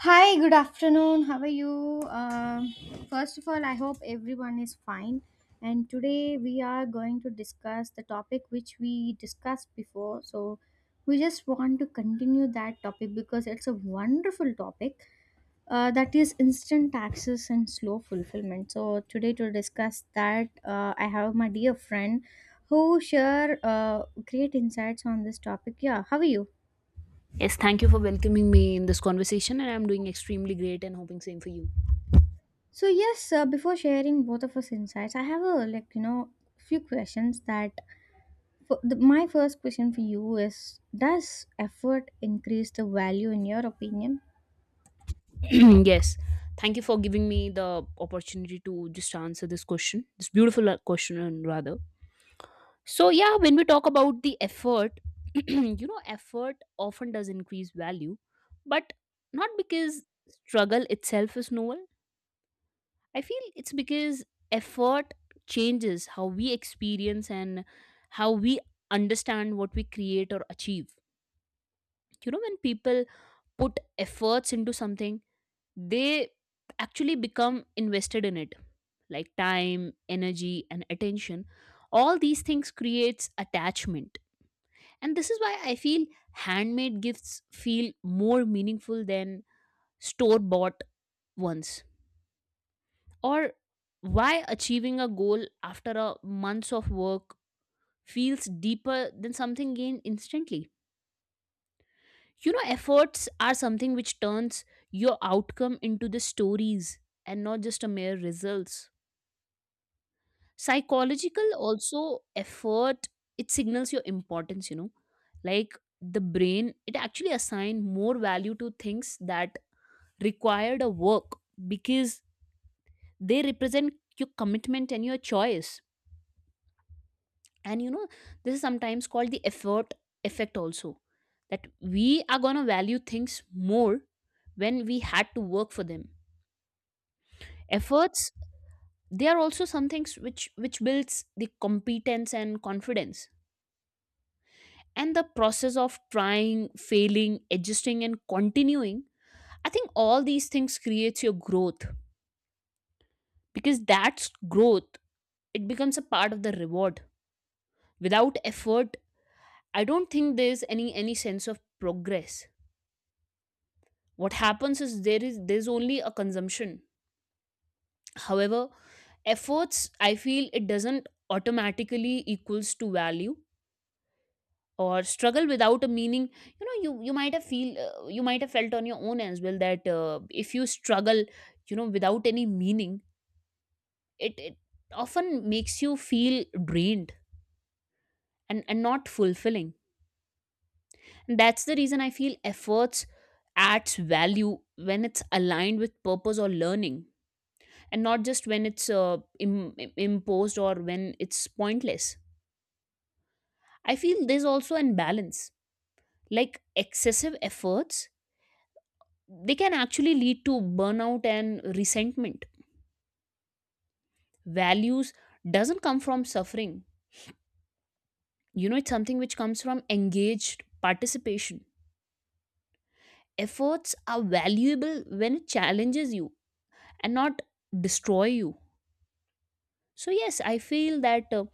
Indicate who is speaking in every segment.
Speaker 1: Hi, good afternoon. How are you? First of all, I hope everyone is fine. And today we are going to discuss the topic which we discussed before. So we just want to continue that topic because it's a wonderful topic, that is instant access and slow fulfillment. So today to discuss that, I have my dear friend who share great insights on this topic. Yeah, how are you?
Speaker 2: Yes, thank you for welcoming me in this conversation, and I'm doing extremely great and hoping same for you.
Speaker 1: So yes, before sharing both of us insights, I have a few questions that for my first question for you is, does effort increase the value in your opinion?
Speaker 2: Yes, thank you for giving me the opportunity to just answer this question, this beautiful question, and rather. So, yeah, when we talk about the effort, you know, effort often does increase value, but not because struggle itself is novel. I feel it's because effort changes how we experience and how we understand what we create or achieve. You know, when people put efforts into something, they actually become invested in it, like time, energy, and attention. All these things creates attachment. And this is why I feel handmade gifts feel more meaningful than store bought ones. Or why achieving a goal after a months of work feels deeper than something gained instantly. You know, efforts are something which turns your outcome into the stories and not just a mere results. Psychological also effort, it signals your importance, you know, like the brain, it actually assign more value to things that required a work because they represent your commitment and your choice. And you know, this is sometimes called the effort effect also, that we are going to value things more when we had to work for them. Efforts, they are also some things which builds the competence and confidence, and the process of trying failing adjusting and continuing, I think all these things creates your growth, because that's growth, it becomes a part of the reward. Without effort, I don't think there's any sense of progress. What happens is there's only a consumption. However, efforts, I feel it doesn't automatically equals to value, or struggle without a meaning. You know, you might have feel you might have felt on your own as well that if you struggle, you know, without any meaning, it often makes you feel drained and not fulfilling. And that's the reason I feel efforts adds value when it's aligned with purpose or learning, and not just when it's imposed or when it's pointless. I feel there's also an balance. Like excessive efforts, they can actually lead to burnout and resentment. Values doesn't come from suffering. You know, it's something which comes from engaged participation. Efforts are valuable when it challenges you and not destroy you. So yes, I feel that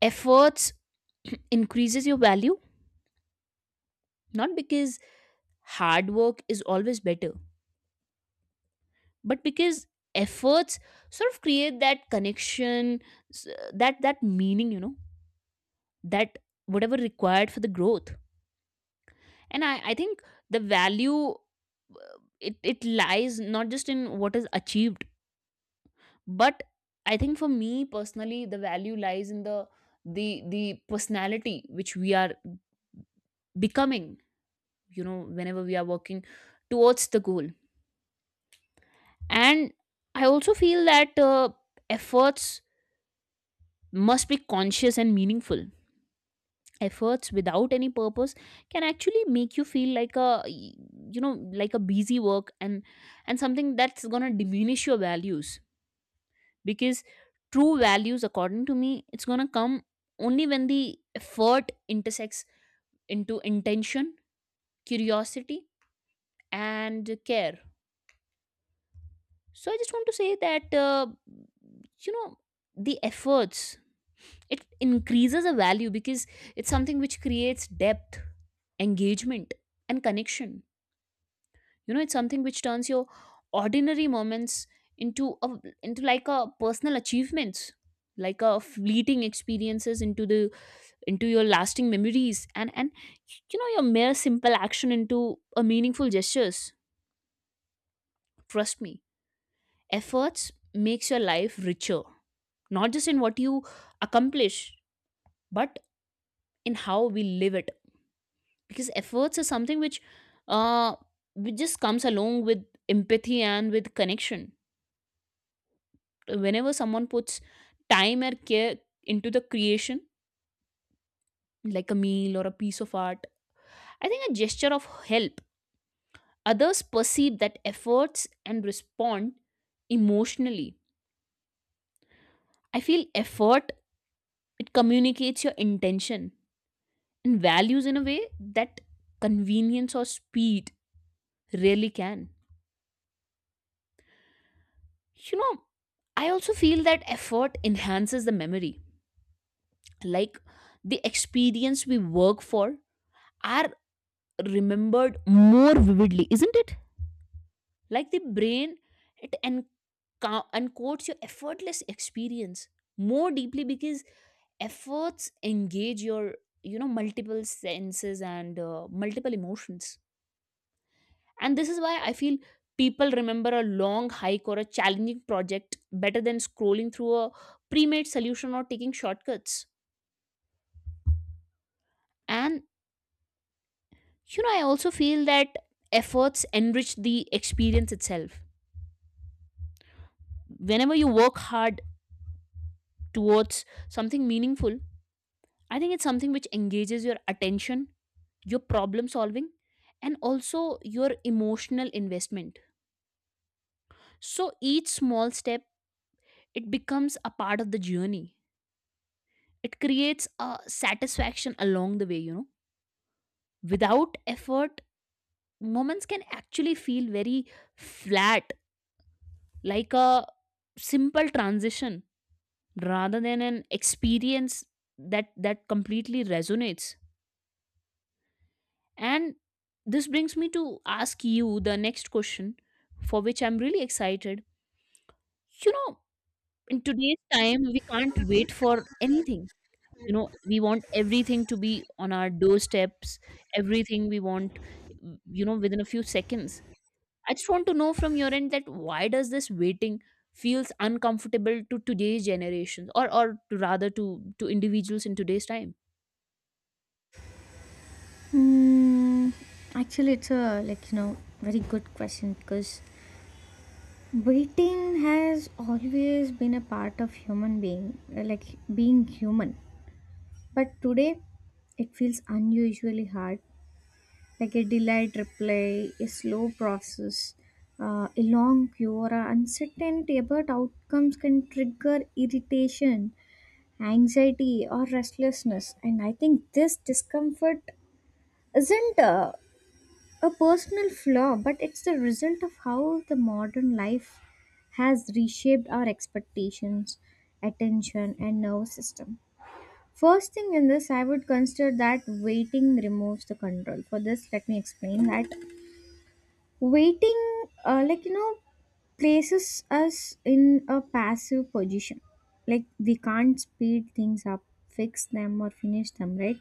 Speaker 2: efforts increases your value, not because hard work is always better, but because efforts sort of create that connection, s- that meaning, you know, that whatever required for the growth. And I think the value, it lies not just in what is achieved, but I think for me personally the value lies in the the the personality which we are becoming, you know, whenever we are working towards the goal. And I also feel that efforts must be conscious and meaningful. Efforts without any purpose can actually make you feel like a, you know, like a busy work, and something that's going to diminish your values, because true values according to me it's going to come only when the effort intersects into intention, curiosity, and care. So I just want to say that you know, the efforts, it increases a value because it's something which creates depth, engagement, and connection. You know, it's something which turns your ordinary moments into a, into like a personal achievements, like a fleeting experiences into the, into your lasting memories, and you know, your mere simple action into a meaningful gestures. Trust me, efforts makes your life richer, not just in what you accomplish, but in how we live it. Because efforts is something uh which just comes along with empathy and with connection. Whenever someone puts time or care into the creation, like a meal or a piece of art, I think a gesture of help, others perceive that efforts and respond emotionally. I feel effort, it communicates your intention and values in a way that convenience or speed really can, you know. I also feel that effort enhances the memory. Like the experience we work for are remembered more vividly, isn't it? Like the brain, it encodes your effortless experience more deeply, because efforts engage your, you know, multiple senses and multiple emotions. And this is why I feel people remember a long hike or a challenging project better than scrolling through a pre-made solution or taking shortcuts. And you know, I also feel that efforts enrich the experience itself. Whenever you work hard towards something meaningful, I think it's something which engages your attention, your problem solving, and also your emotional investment. So each small step, it becomes a part of the journey. It creates a satisfaction along the way, you know. Without effort, moments can actually feel very flat, like a simple transition rather than an experience that completely resonates. And this brings me to ask you the next question, for which I'm really excited. You know, in today's time, we can't wait for anything. You know, we want everything to be on our doorsteps, everything we want, you know, within a few seconds. I just want to know from your end that why does this waiting feels uncomfortable to today's generations, or to rather to individuals in today's time?
Speaker 1: Hmm, actually, it's a very good question because waiting has always been a part of human being, like being human. But today, it feels unusually hard, like a delayed reply, a slow process, a long queue, or a uncertainty about outcomes can trigger irritation, anxiety, or restlessness. And I think this discomfort isn't a personal flaw, but it's the result of how the modern life has reshaped our expectations, attention, and nervous system. First thing in this, I would consider that waiting removes the control. For this, let me explain that waiting places us in a passive position, like we can't speed things up, fix them, or finish them right.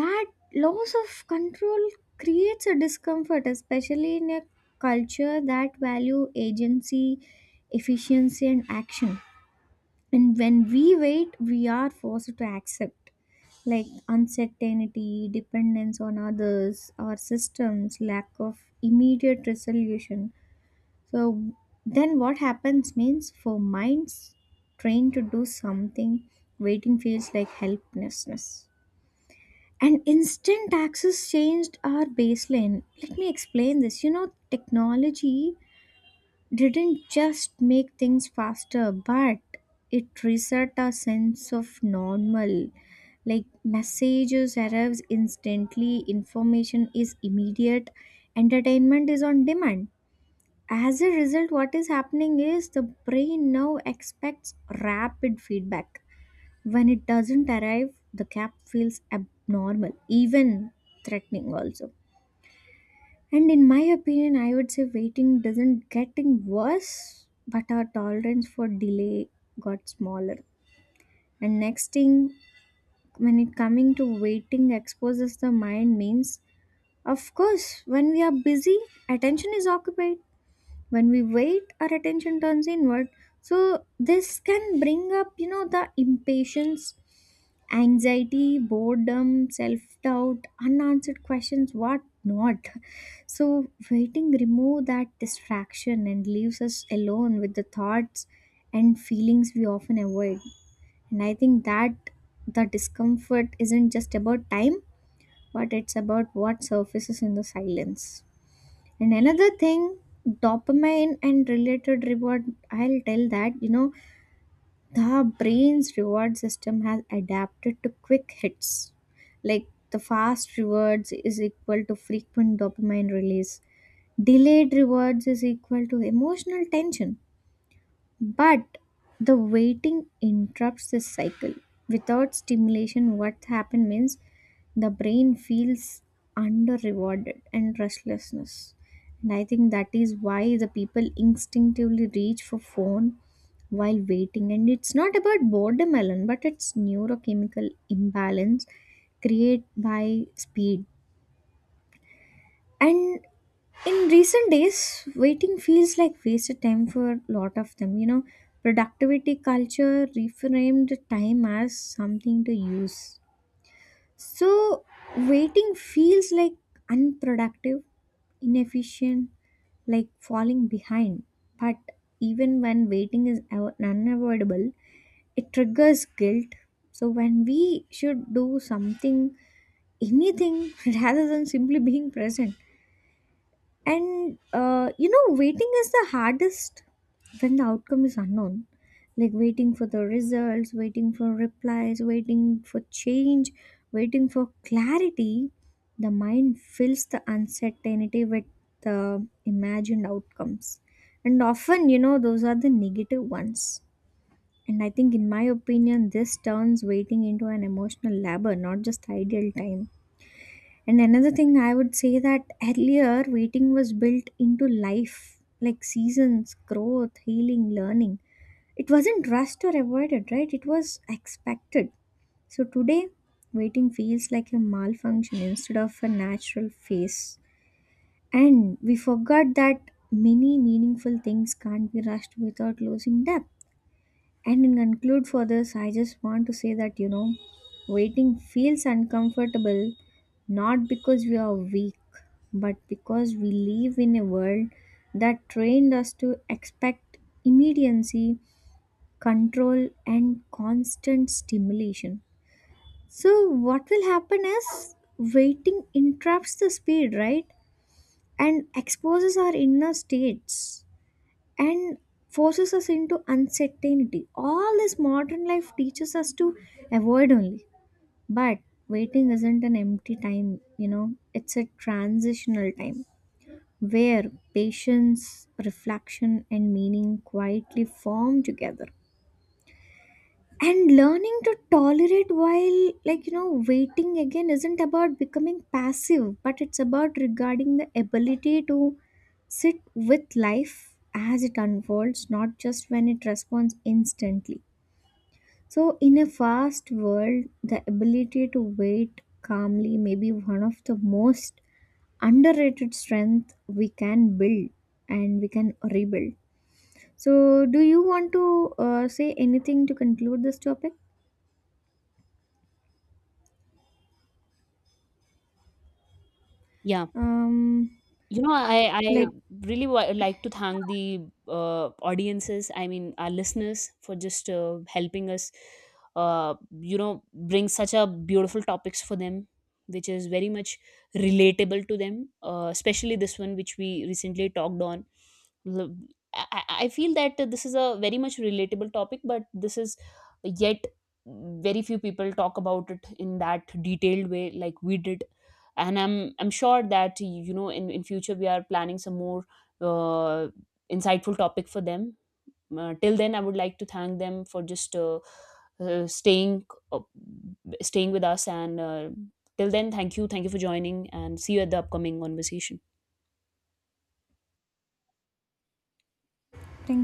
Speaker 1: That loss of control creates a discomfort, especially in a culture that value agency, efficiency, and action. And when we wait, we are forced to accept, like, uncertainty, dependence on others, our systems, lack of immediate resolution. So then what happens means, for minds trained to do something, waiting feels like helplessness. And instant access changed our baseline. Let me explain this. You know, technology didn't just make things faster, but it reset our sense of normal. Like, messages arrives instantly, information is immediate, entertainment is on demand. As a result, what is happening is the brain now expects rapid feedback. When it doesn't arrive, the gap feels abnormal, even threatening also. And in my opinion, I would say waiting doesn't getting worse, but our tolerance for delay got smaller. And next thing, when it coming to waiting exposes the mind means, of course, when we are busy, attention is occupied. When we wait, our attention turns inward. So this can bring up, you know, the impatience, anxiety, boredom, self-doubt, unanswered questions, what not. So waiting removes that distraction and leaves us alone with the thoughts and feelings we often avoid. And I think that the discomfort isn't just about time, but it's about what surfaces in the silence. And another thing, dopamine and related reward, I'll tell that, you know, the brain's reward system has adapted to quick hits. Like, the fast rewards is equal to frequent dopamine release, delayed rewards is equal to emotional tension. But the waiting interrupts this cycle. Without stimulation, what happened means the brain feels under rewarded and restlessness. And I think that is why the people instinctively reach for phone while waiting. And it's not about boredom alone, but it's neurochemical imbalance created by speed. And in recent days, waiting feels like wasted time for a lot of them. You know, productivity culture reframed time as something to use. So waiting feels like unproductive, inefficient, like falling behind. But even when waiting is unavoidable, it triggers guilt. So when we should do something, anything, rather than simply being present. And you know, waiting is the hardest when the outcome is unknown. Like waiting for the results, waiting for replies, waiting for change, waiting for clarity. The mind fills the uncertainty with the imagined outcomes. And often, you know, those are the negative ones. And I think, in my opinion, this turns waiting into an emotional labor, not just ideal time. And another thing I would say that earlier waiting was built into life, like seasons, growth, healing, learning. It wasn't rushed or avoided, right? It was expected. So today, waiting feels like a malfunction instead of a natural phase. And we forgot that many meaningful things can't be rushed without losing depth. And in conclude for this, I just want to say that, you know, waiting feels uncomfortable not because we are weak, but because we live in a world that trained us to expect immediacy, control, and constant stimulation. So what will happen is waiting interrupts the speed, right? And exposes our inner states and forces us into uncertainty. All this modern life teaches us to avoid only. But waiting isn't an empty time, you know, it's a transitional time where patience, reflection, and meaning quietly form together. And learning to tolerate while waiting again isn't about becoming passive, but it's about regarding the ability to sit with life as it unfolds, not just when it responds instantly. So in a fast world, the ability to wait calmly may be one of the most underrated strength we can build and we can rebuild. So do you want to say anything to conclude this topic?
Speaker 2: Yeah.
Speaker 1: um
Speaker 2: You know, I
Speaker 1: like,
Speaker 2: I
Speaker 1: yeah.
Speaker 2: really wa like to thank the audiences, I mean, our listeners, for just helping us, uh, you know, bring such a beautiful topics for them, which is very much relatable to them, especially this one which we recently talked on. L- I feel that this is a very much relatable topic, but this is yet very few people talk about it in that detailed way like we did. And I'm sure that you know, in future we are planning some more uh, insightful topic for them. Till then I would like to thank them for just uh, staying uh, staying with us, and till then, thank you for joining, and see you at the upcoming conversation.
Speaker 1: Thank